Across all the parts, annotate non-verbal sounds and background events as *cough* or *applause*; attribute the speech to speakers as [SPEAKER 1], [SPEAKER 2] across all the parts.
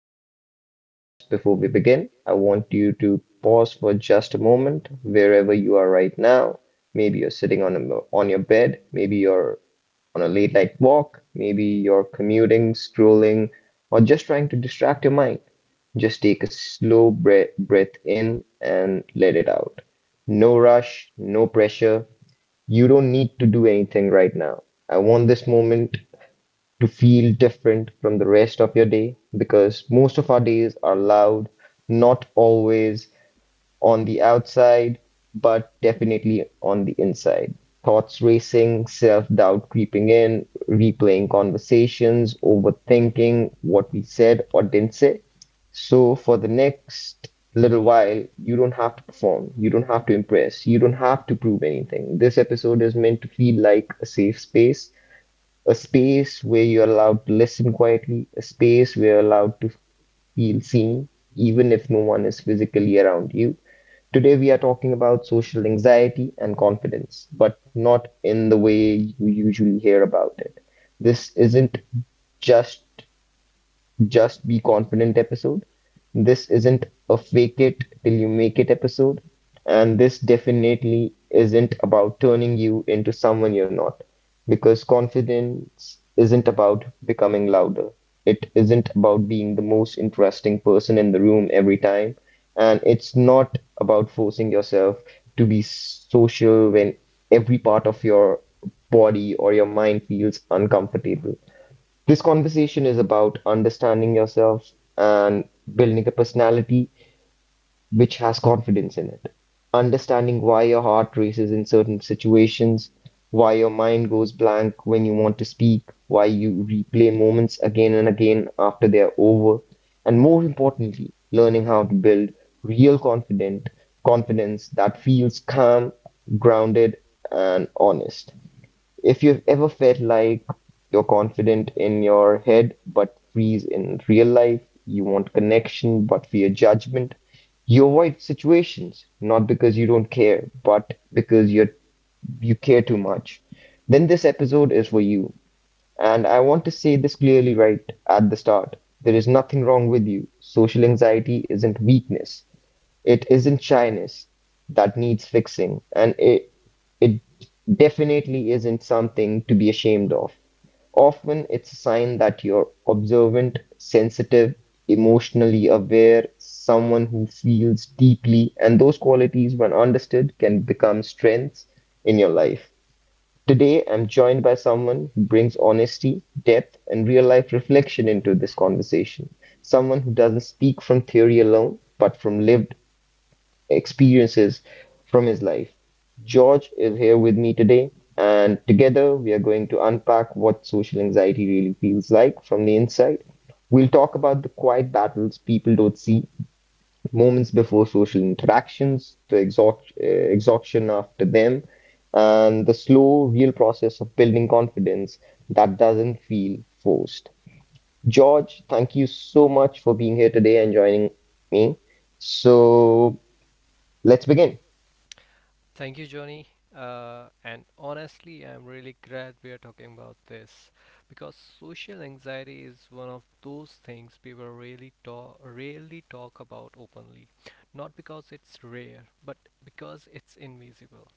[SPEAKER 1] episode of the podcast. Before we begin, I want you to pause for just a moment wherever you are right now. Maybe you're sitting on your bed, maybe you're on a late night walk, maybe you're commuting, scrolling, or just trying to distract your mind. Just take a slow breath, breath in and let it out. No rush, no pressure. You don't need to do anything right now. I want this moment to feel different from the rest of your day because most of our days are loud, not always on the outside, but definitely on the inside. Thoughts racing, self doubt creeping in, replaying conversations, overthinking what we said or didn't say. So, for the next little while, you don't have to perform, you don't have to impress, you don't have to prove anything. This episode is meant to feel like a safe space, a space where you're allowed to listen quietly, a space where you're allowed to feel seen, even if no one is physically around you. Today, we are talking about social anxiety and confidence, but not in the way you usually hear about it. This isn't just just Be Confident episode. This isn't a fake it till you make it episode. And this definitely isn't about turning you into someone you're not. Because confidence isn't about becoming louder. It isn't about being the most interesting person in the room every time. And it's not about forcing yourself to be social when every part of your body or your mind feels uncomfortable. This conversation is about understanding yourself and building a personality which has confidence in it. Understanding why your heart races in certain situations, why your mind goes blank when you want to speak, why you replay moments again and again after they're over, and more importantly, learning how to build real confident confidence that feels calm, grounded, and honest. If you've ever felt like you're confident in your head but freeze in real life, you want connection but fear judgment, you avoid situations not because you don't care, but because you care too much, then this episode is for you. And I want to say this clearly right at the start. There is nothing wrong with you. Social anxiety isn't weakness. It isn't shyness that needs fixing, and it definitely isn't something to be ashamed of. Often it's a sign that you're observant, sensitive, emotionally aware, someone who feels deeply, and those qualities, when understood, can become strengths in your life. Today, I'm joined by someone who brings honesty, depth, and real life reflection into this conversation. Someone who doesn't speak from theory alone, but from lived experiences from his life. George is here with me today, and together we are going to unpack what social anxiety really feels like from the inside. We'll talk about the quiet battles people don't see, moments before social interactions, the exhaustion after them, and the slow, real process of building confidence that doesn't feel forced. George, thank you so much for being here today and joining me. So let's begin.
[SPEAKER 2] Thank you, Johnny. And honestly, I'm really glad we are talking about this because social anxiety is one of those things people rarely talk about openly. Not because it's rare, but because it's invisible.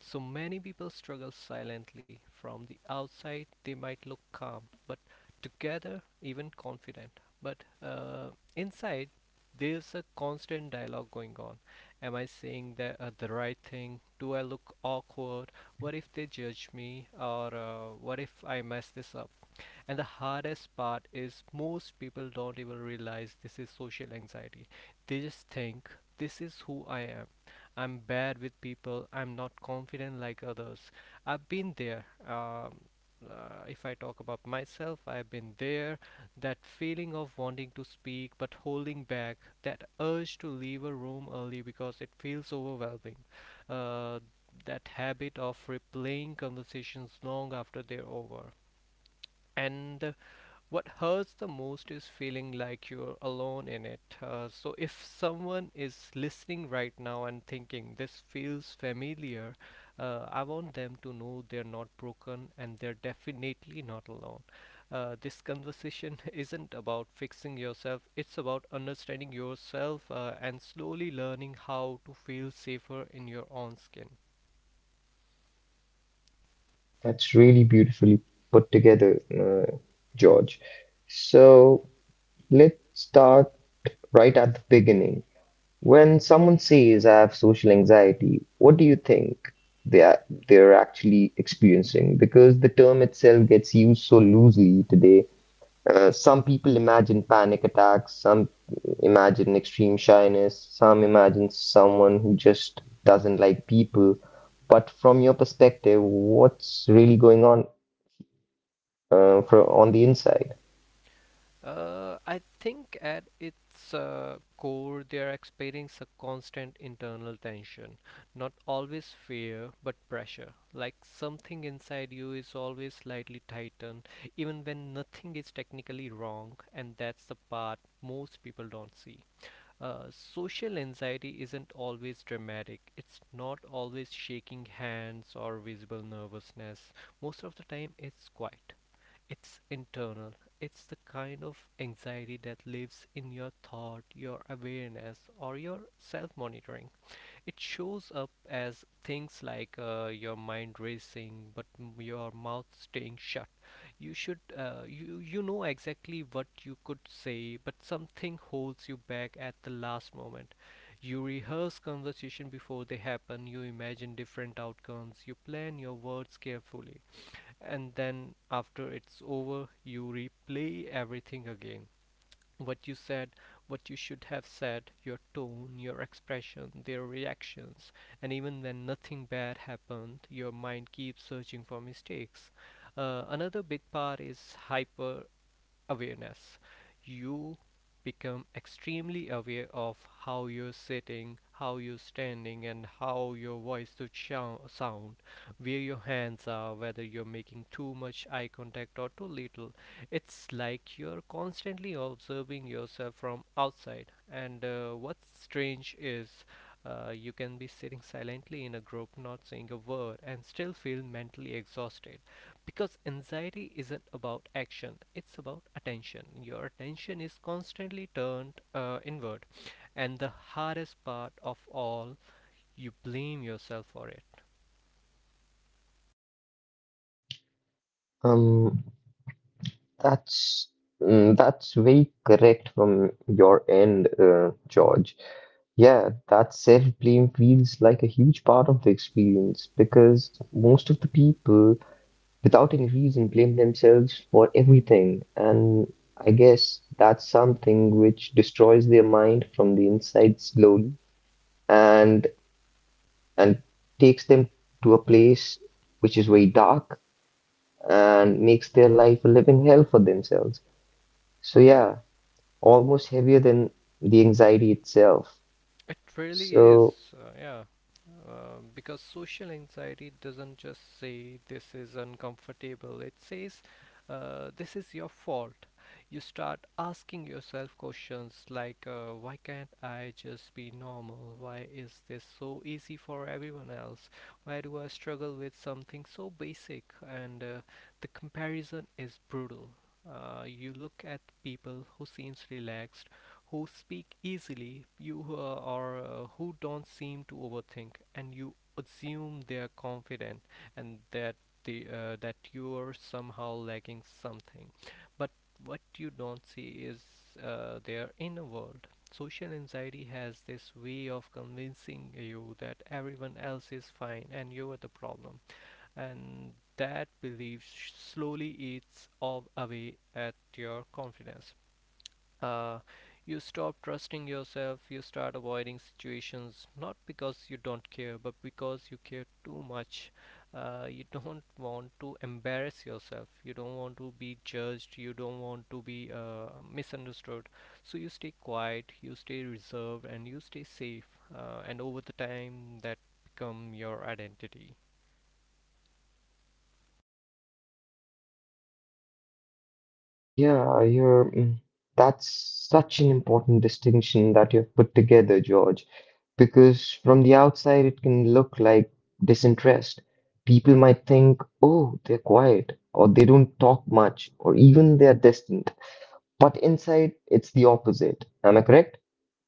[SPEAKER 2] So many people struggle silently. From the outside, they might look calm, but together, even confident. But inside, there's a constant dialogue going on. Am I saying the right thing? Do I look awkward? What if they judge me, or what if I mess this up? And the hardest part is most people don't even realize this is social anxiety. They just think this is who I am. I'm bad with people. I'm not confident like others. I've been there. If I talk about myself, I've been there. That feeling of wanting to speak but holding back, that urge to leave a room early because it feels overwhelming, uh, that habit of replaying conversations long after they're over. And what hurts the most is feeling like you're alone in it. So, if someone is listening right now and thinking this feels familiar, I want them to know they're not broken and they're definitely not alone. This conversation *laughs* isn't about fixing yourself, it's about understanding yourself and slowly learning how to feel safer in your own skin.
[SPEAKER 1] That's really beautifully put together, George. So let's start right at the beginning. When someone says I have social anxiety, what do you think they are, they're actually experiencing? Because the term itself gets used so loosely today. Some people imagine panic attacks, some imagine extreme shyness, some imagine someone who just doesn't like people. But from your perspective, what's really going on from on the inside.
[SPEAKER 2] I think at its core, they are experiencing a constant internal tension, not always fear, but pressure. Like something inside you is always slightly tightened, even when nothing is technically wrong, and that's the part most people don't see. Social anxiety isn't always dramatic. It's not always shaking hands or visible nervousness. Most of the time, it's quiet. It's internal. It's the kind of anxiety that lives in your thought, your awareness, or your self monitoring. It shows up as things like your mind racing, but your mouth staying shut. You know exactly what you could say, but something holds you back at the last moment. You rehearse conversation before they happen. You imagine different outcomes. You plan your words carefully, and then after it's over, you replay everything again. What you said, what you should have said, your tone, your expression, their reactions, and even when nothing bad happened, your mind keeps searching for mistakes. Another big part is hyper awareness. You become extremely aware of how you're sitting, how you're standing, and how your voice should sound, where your hands are, whether you're making too much eye contact or too little. It's like you're constantly observing yourself from outside. And what's strange is you can be sitting silently in a group, not saying a word, and still feel mentally exhausted, because anxiety isn't about action, it's about attention. Your attention is constantly turned inward, and the hardest part of all, you blame yourself for it.
[SPEAKER 1] Um, that's that's very correct from your end, George. Yeah, that self-blame feels like a huge part of the experience because most of the people without any reason, blame themselves for everything. And I guess that's something which destroys their mind from the inside slowly and and takes them to a place which is very dark and makes their life a living hell for themselves. So
[SPEAKER 2] Yeah.
[SPEAKER 1] yeah, almost heavier than the anxiety itself.
[SPEAKER 2] It really
[SPEAKER 1] So
[SPEAKER 2] is, yeah. Because social anxiety doesn't just say this is uncomfortable, it says this is your fault. You start asking yourself questions like, why can't I just be normal? Why is this so easy for everyone else? Why do I struggle with something so basic? And the comparison is brutal. You look at people who seems relaxed, who speak easily, you who are who don't seem to overthink, and you assume they are confident, and that the that you are somehow lacking something. But what you don't see is their inner world. Social anxiety has this way of convincing you that everyone else is fine and you are the problem, and that belief slowly eats all away at your confidence. Uh, you stop trusting yourself, you start avoiding situations not because you don't care, but because you care too much. You *laughs* don't want to embarrass yourself, you don't want to be judged, you don't want to be misunderstood. So you stay quiet, you stay reserved, and you stay safe. And over the time, that become your identity.
[SPEAKER 1] yeah, that's such an important distinction that you've put together, George, because from the outside it can look like disinterest. People might think, oh, they're quiet, or they don't talk much, or even they're distant. But inside, it's the opposite. Am I correct?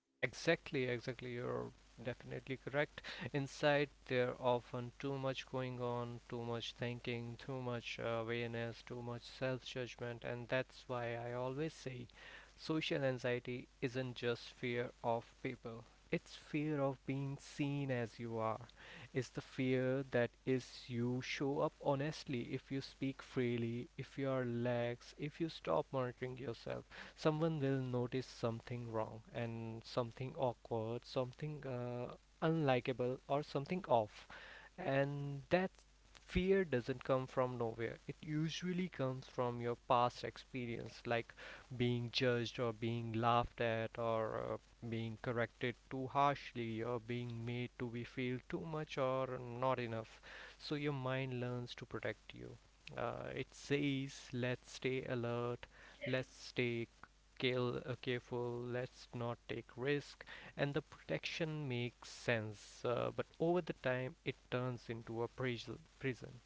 [SPEAKER 2] Exactly, exactly. You're definitely correct. Inside, there often too much going on, too much thinking, too much awareness, too much self-judgment, and that's why I always say social anxiety isn't just fear of people. It's fear of being seen as you are. It's the fear that is you show up honestly, if you speak freely, if you are lax, if you stop monitoring yourself, someone will notice something wrong and something awkward, something unlikable, or something off. And that fear doesn't come from nowhere, it usually comes from your past experience, like being judged, or being laughed at, or being corrected too harshly, or being made to be feel too much or not enough. So your mind learns to protect you. It says, let's stay alert, let's stay careful, let's not take risk, and the protection makes sense. But over the time, it turns into a prison. Prison.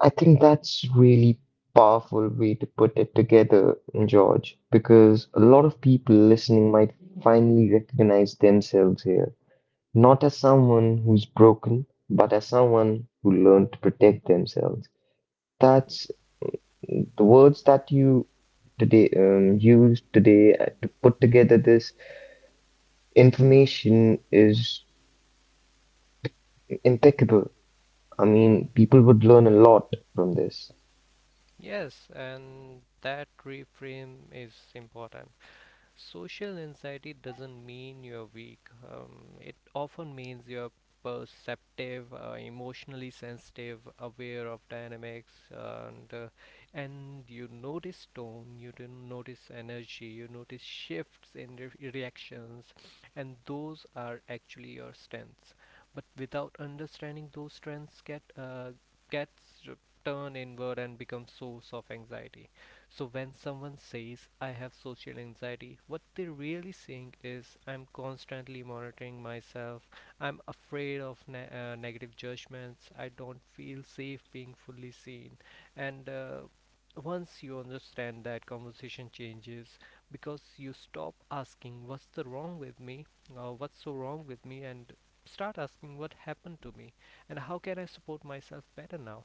[SPEAKER 1] I think that's really powerful way to put it together, George, because a lot of people listening might finally recognize themselves here. Not as someone who's broken, but as someone who learned to protect themselves. That's the words that you today used today to put together this information is impeccable. I mean, people would learn a lot from this.
[SPEAKER 2] Yes, and that reframe is important. Social anxiety doesn't mean you're weak. It often means you're perceptive, emotionally sensitive, aware of dynamics, and you notice tone, you didn't notice energy, you notice shifts in reactions, and those are actually your strengths. But without understanding those strengths, gets r- turned inward and become source of anxiety. So when someone says I have social anxiety, what they're really saying is I'm constantly monitoring myself. I'm afraid of negative judgments. I don't feel safe being fully seen. And once you understand that, conversation changes, because you stop asking what's the wrong with me or what's so wrong with me, and start asking what happened to me and how can I support myself better now.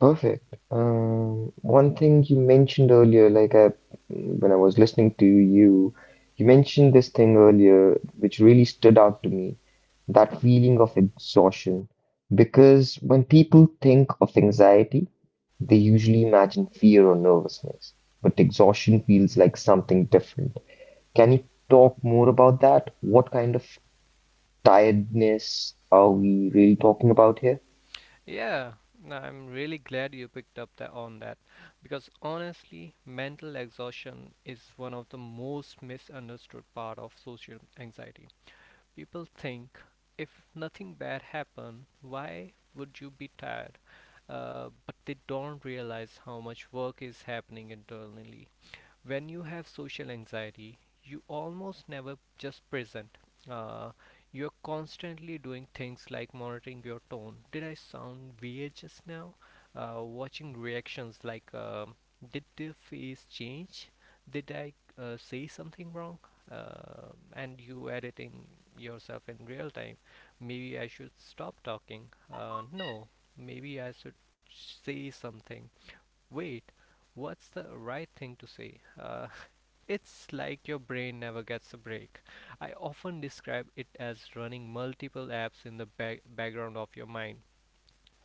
[SPEAKER 1] Perfect. One thing you mentioned earlier, when I was listening to you, you mentioned this thing earlier, which really stood out to me, that feeling of exhaustion. Because when people think of anxiety, they usually imagine fear or nervousness, but exhaustion feels like something different. Can you talk more about that? What kind of tiredness are we really talking about here?
[SPEAKER 2] Yeah, no, I'm really glad you picked up that, because honestly, mental exhaustion is one of the most misunderstood part of social anxiety. People think if nothing bad happened, why would you be tired? But they don't realize how much work is happening internally. When you have social anxiety, you almost never just present. uh, you're constantly doing things like monitoring your tone. Did I sound weird just now? Watching reactions, like, did the face change, did I say something wrong? And you editing yourself in real time. Maybe I should stop talking. No, maybe I should say something. Wait, what's the right thing to say? It's like your brain never gets a break. I often describe it as running multiple apps in the background of your mind.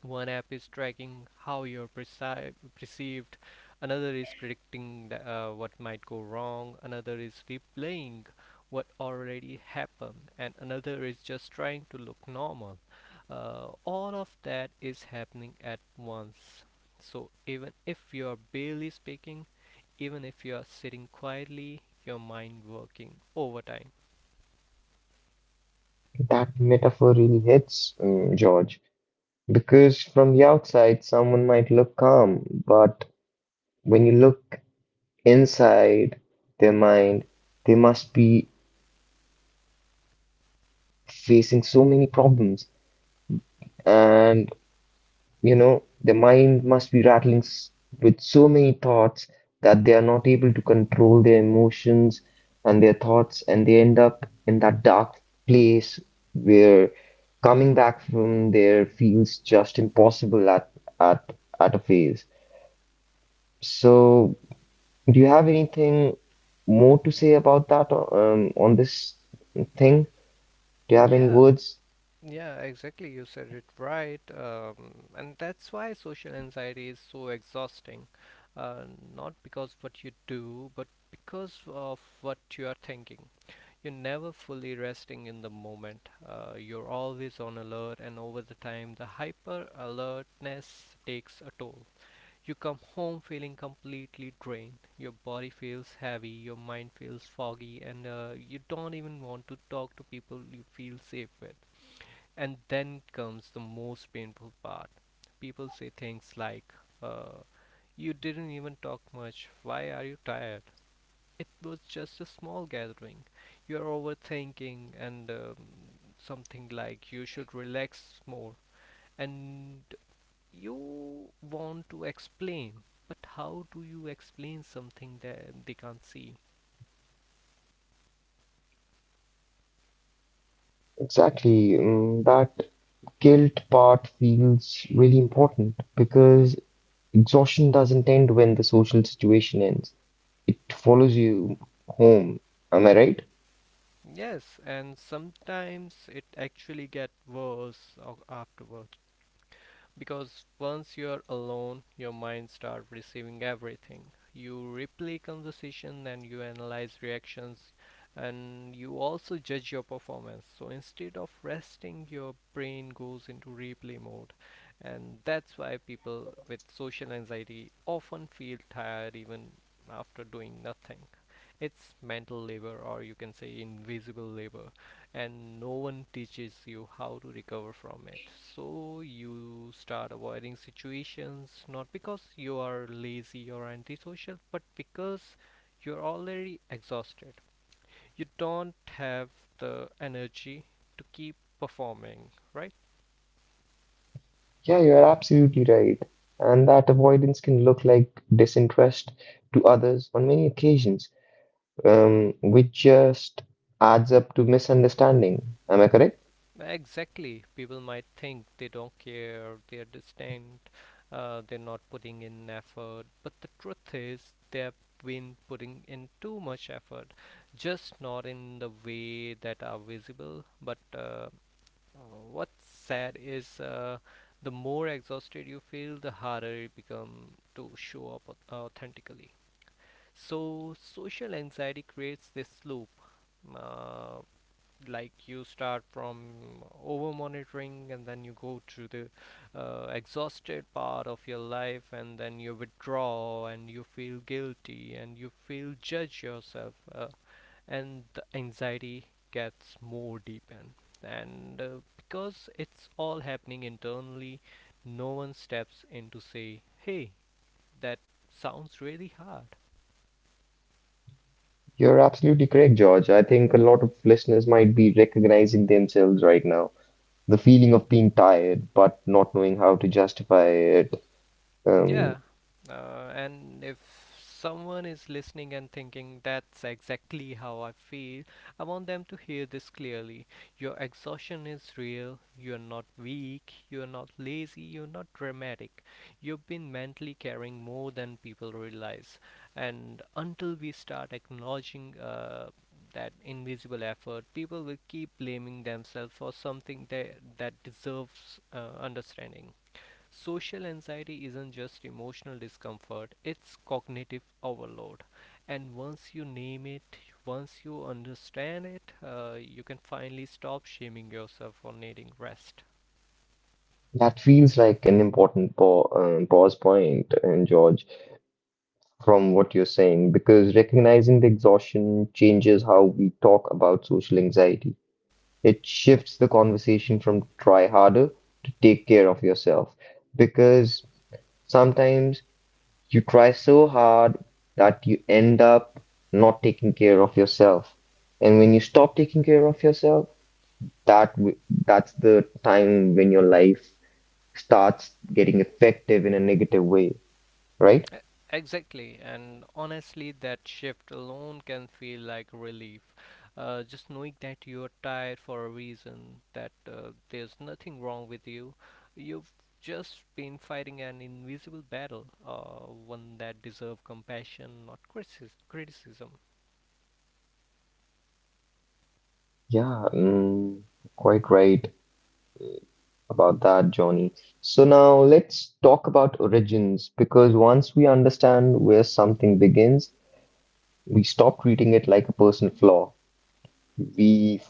[SPEAKER 2] One app is tracking how you're perceived, another is predicting what might go wrong, another is replaying what already happened, and another is just trying to look normal. All of that is happening at once. So even if you're barely speaking, even if you are sitting quietly, your mind working overtime.
[SPEAKER 1] That metaphor really hits, George. Because from the outside, someone might look calm, but when you look inside their mind, they must be facing so many problems. And, you know, their mind must be with so many thoughts that they are not able to control their emotions and their thoughts, and they end up in that dark place where coming back from there feels just impossible at at a phase. So do you have anything more to say about that on this thing? Do you have any
[SPEAKER 2] Yeah,
[SPEAKER 1] words?
[SPEAKER 2] yeah, exactly. You said it right. And that's why social anxiety is so exhausting. Uh, Not because what you do, but because of what you are thinking. You're never fully resting in the moment. You're always on alert, and over the time, the hyper alertness takes a toll. You come home feeling completely drained. Your body feels heavy, your mind feels foggy, and you don't even want to talk to people you feel safe with. And then comes the most painful part. People say things like, uh, you didn't even talk much. Why are you tired? It was just a small gathering. You're overthinking, and something like, you should relax more. And you want to explain, but how do you explain something that they can't see?
[SPEAKER 1] Exactly. That guilt part feels really important because exhaustion doesn't end when the social situation ends. It follows you home. Am I right?
[SPEAKER 2] Yes, and sometimes it actually gets worse afterwards, because once you're alone, your mind starts receiving everything. You replay conversation and you analyze reactions, and you also judge your performance. So instead of resting, your brain goes into replay mode, and that's why people with social anxiety often feel tired even after doing nothing. It's mental labor, or you can say invisible labor, and no one teaches you how to recover from it. So you start avoiding situations not because you are lazy or antisocial, but because you're already exhausted. You don't have the energy to keep performing, right?
[SPEAKER 1] Yeah, you're absolutely right. And that avoidance can look like disinterest to others on many occasions, which just adds up to misunderstanding. Am I correct?
[SPEAKER 2] Exactly. People might think they don't care, they're distant, they're not putting in effort, but the truth is they've been putting in too much effort, just not in the way that are visible. But what's sad is, the more exhausted you feel, the harder it becomes to show up authentically. So social anxiety creates this loop. Uh, like you start from over monitoring and then you go to the exhausted part of your life, and then you withdraw and you feel guilty and you feel judge yourself, and the anxiety gets more deepened, and because it's all happening internally, no one steps in to say, hey, that sounds really hard.
[SPEAKER 1] You're absolutely correct, George. I think a lot of listeners might be recognizing themselves right now. The feeling of being tired but not knowing how to justify it. Um,
[SPEAKER 2] Yeah, and if someone is listening and thinking that's exactly how I feel, I want them to hear this clearly. Your exhaustion is real, you're not weak, you're not lazy, you're not dramatic. You've been mentally carrying more than people realize. And until we start acknowledging that invisible effort, people will keep blaming themselves for something that deserves understanding. Social anxiety isn't just emotional discomfort, it's cognitive overload. And once you name it, once you understand it, you can finally stop shaming yourself for needing rest.
[SPEAKER 1] that feels like an important pa pause point, George, from what you're saying, because recognizing the exhaustion changes how we talk about social anxiety. It shifts the conversation from try harder to take care of yourself, because sometimes you try so hard that you end up not taking care of yourself. And when you stop taking care of yourself, that w- that's the time when your life starts getting effective in a negative way, right?
[SPEAKER 2] E- Exactly, and honestly, that shift alone can feel like relief. Just knowing that you're tired for a reason, that there's nothing wrong with you, you've just been fighting an invisible battle, one that deserves compassion, not criticism.
[SPEAKER 1] Yeah, quite right about that, Johnny. So now let's talk about origins because once we understand where something begins, we stop treating it like a personal flaw. We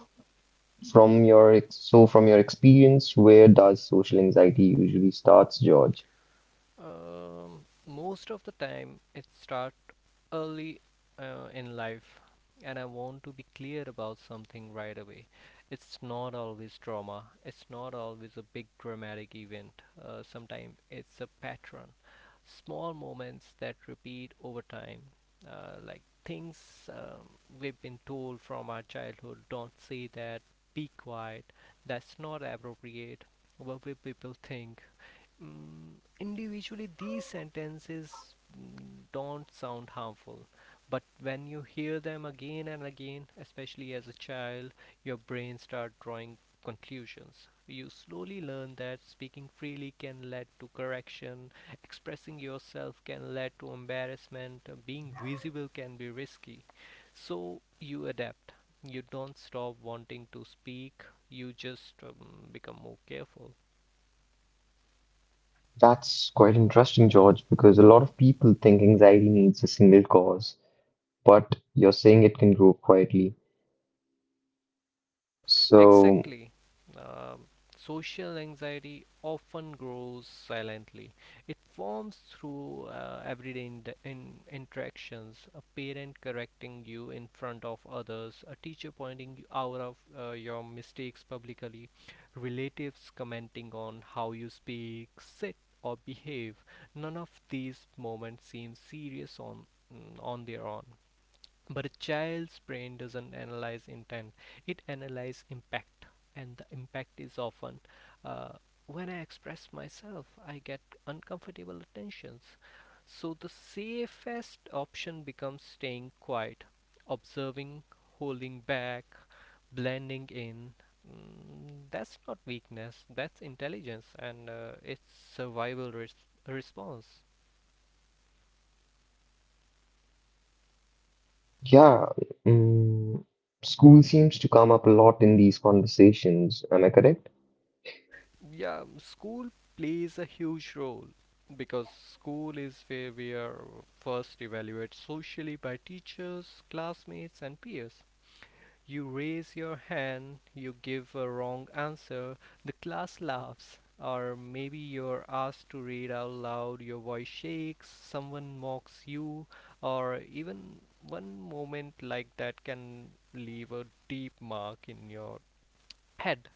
[SPEAKER 1] From your ex so from your experience, where does social anxiety usually starts, George?
[SPEAKER 2] Most of the time, it starts early in life, and I want to be clear about something right away. It's not always trauma, it's not always a big dramatic event. Sometimes it's a pattern, small moments that repeat over time, like things we've been told from our childhood. Don't say that, be quiet, that's not appropriate. What will people think? Individually, these sentences don't sound harmful, but when you hear them again and again, especially as a child, your brain starts drawing conclusions. You slowly learn that speaking freely can lead to correction, expressing yourself can lead to embarrassment, being visible can be risky. So you adapt. You don't stop wanting to speak, you just become more careful.
[SPEAKER 1] That's quite interesting, George, because a lot of people think anxiety needs a single cause, but you're saying it can grow quietly. So,
[SPEAKER 2] Exactly. Um, social anxiety often grows silently. It forms through everyday interactions: a parent correcting you in front of others, a teacher pointing you out of your mistakes publicly, relatives commenting on how you speak, sit, or behave. None of these moments seem serious on on their own, but a child's brain doesn't analyze intent, it analyzes impact, and the impact is often, uh, when I express myself, I get uncomfortable attentions. So the safest option becomes staying quiet, observing, holding back, blending in. That's not weakness, that's intelligence, and it's survival response.
[SPEAKER 1] yeah, mm, school seems to come up a lot in these conversations. Am I correct?
[SPEAKER 2] Yeah, school plays a huge role because school is where we are first evaluated socially by teachers, classmates, and peers. You raise your hand, you give a wrong answer, the class laughs, or maybe you're asked to read out loud, your voice shakes, someone mocks you, or even one moment like that can leave a deep mark in your head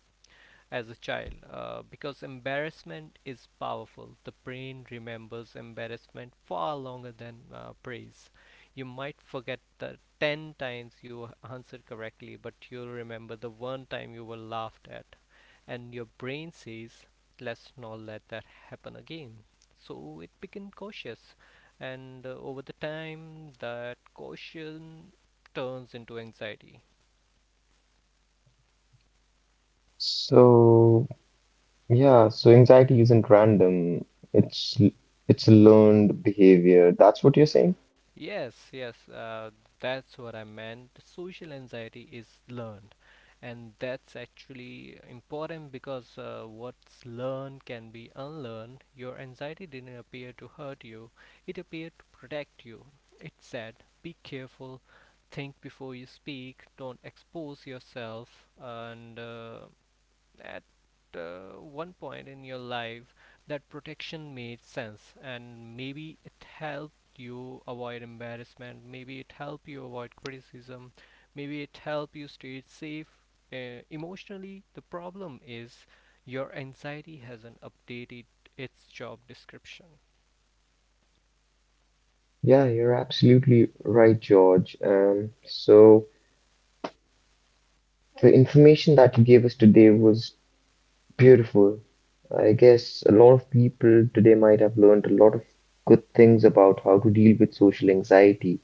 [SPEAKER 2] as a child, because embarrassment is powerful. The brain remembers embarrassment far longer than praise. You might forget the 10 times you answered correctly, but you'll remember the one time you were laughed at. And your brain says, let's not let that happen again. So it became cautious. And over the time, that caution turns into anxiety.
[SPEAKER 1] So, yeah, so anxiety isn't random. It's it's a learned behavior. That's what you're saying?
[SPEAKER 2] Yes, yes, that's what I meant. Social anxiety is learned, and that's actually important because what's learned can be unlearned. Your anxiety didn't appear to hurt you, it appeared to protect you. It said, be careful, think before you speak, don't expose yourself, and at one point in your life that protection made sense, and maybe it helped you avoid embarrassment, maybe it helped you avoid criticism, maybe it helped you stay safe emotionally. The problem is your anxiety hasn't updated its job description.
[SPEAKER 1] Yeah, you're absolutely right, George. So the information that you gave us today was beautiful. I guess a lot of people today might have learned a lot of good things about how to deal with social anxiety.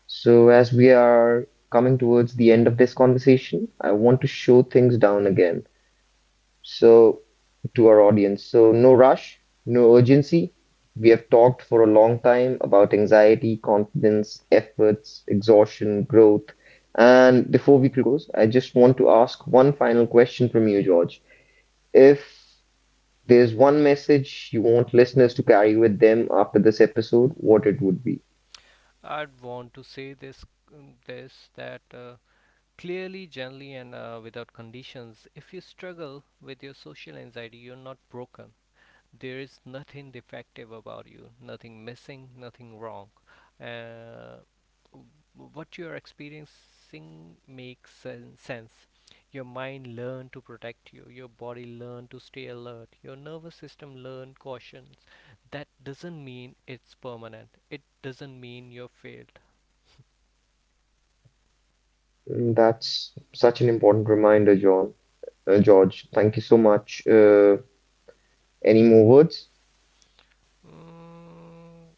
[SPEAKER 1] So as we are coming towards the end of this conversation, I want to show things down again. So to our audience. So, no rush, no urgency. We have talked for a long time about anxiety, confidence, efforts, exhaustion, growth. And before we close, I just want to ask one final question from you, George. If there's one message you want listeners to carry with them after this episode, what it would be?
[SPEAKER 2] I'd want to say this, this that clearly, gently, and without conditions. If you struggle with your social anxiety, you're not broken. There is nothing defective about you, nothing missing, nothing wrong. Uh, what you are experiencing makes sense. Your mind learned to protect you, your body learned to stay alert, your nervous system learned cautions. That doesn't mean it's permanent, it doesn't mean you're failed.
[SPEAKER 1] Mm, that's such an important reminder, John. George, thank you so much. Any more words?
[SPEAKER 2] Mm,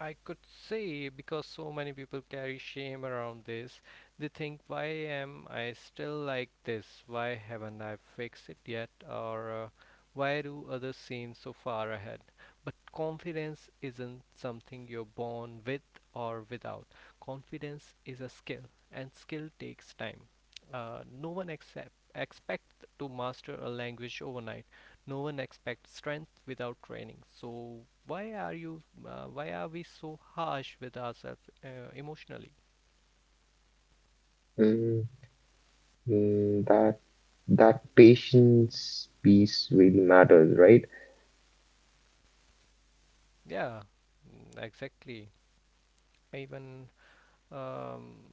[SPEAKER 2] I could say, because so many people carry shame around this. They think, why am I still like this? Why haven't I fixed it yet? Or why do others seem so far ahead? But confidence isn't something you're born with or without. Confidence is a skill, and skill takes time. No one expect to master a language overnight, no one expects strength without training, so why are you, why are we so harsh with ourselves emotionally?
[SPEAKER 1] Mm. Mm, that that patience piece really matters, right?
[SPEAKER 2] Yeah. Mm, exactly. Even um,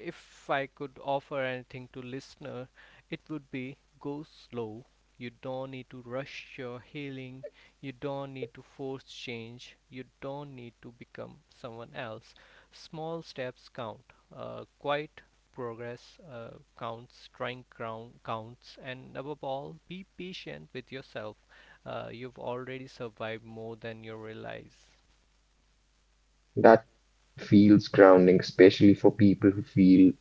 [SPEAKER 2] if I could offer anything to listener, it would be go slow. You don't need to rush your healing. You don't need to force change. You don't need to become someone else. Small steps count. Quiet progress counts. Trying ground counts. And above all, be patient with yourself. You've already survived more than you realize.
[SPEAKER 1] That feels grounding, especially for people who feel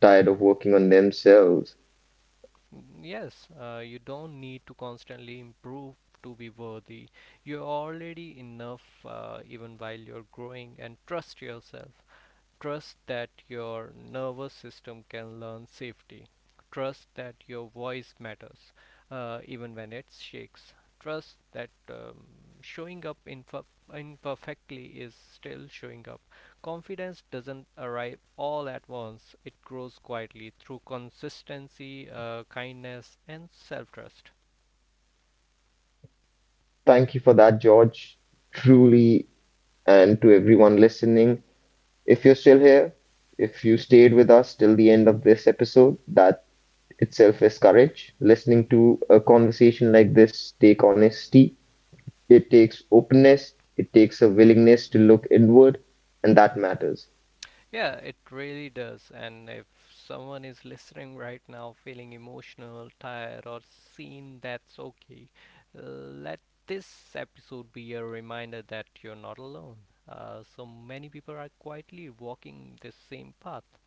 [SPEAKER 1] tired of working on themselves.
[SPEAKER 2] Yes, you don't need to constantly improve to be worthy. You're already enough even while you're growing, and trust yourself. Trust that your nervous system can learn safety. Trust that your voice matters, even when it shakes. Trust that showing up imperfectly is still showing up. Confidence doesn't arrive all at once, it grows quietly through consistency, kindness, and self trust.
[SPEAKER 1] Thank you for that, George, truly, and to everyone listening. If you're still here, if you stayed with us till the end of this episode, that itself is courage. Listening to a conversation like this take honesty. It takes openness, it takes a willingness to look inward, and that matters.
[SPEAKER 2] Yeah, it really does. And if someone is listening right now feeling emotional, tired, or seen, that's okay. Let this episode be a reminder that you're not alone. So many people are quietly walking this same path.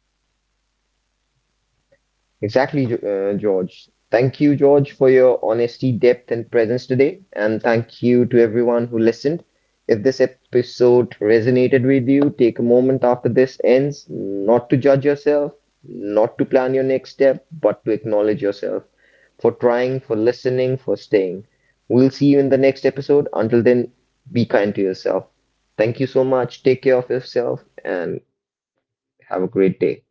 [SPEAKER 1] Exactly, George. Thank you, George, for your honesty, depth, and presence today. And thank you to everyone who listened. If this episode resonated with you, take a moment after this ends not to judge yourself, not to plan your next step, but to acknowledge yourself for trying, for listening, for staying. We'll see you in the next episode. Until then, be kind to yourself. Thank you so much. Take care of yourself and have a great day.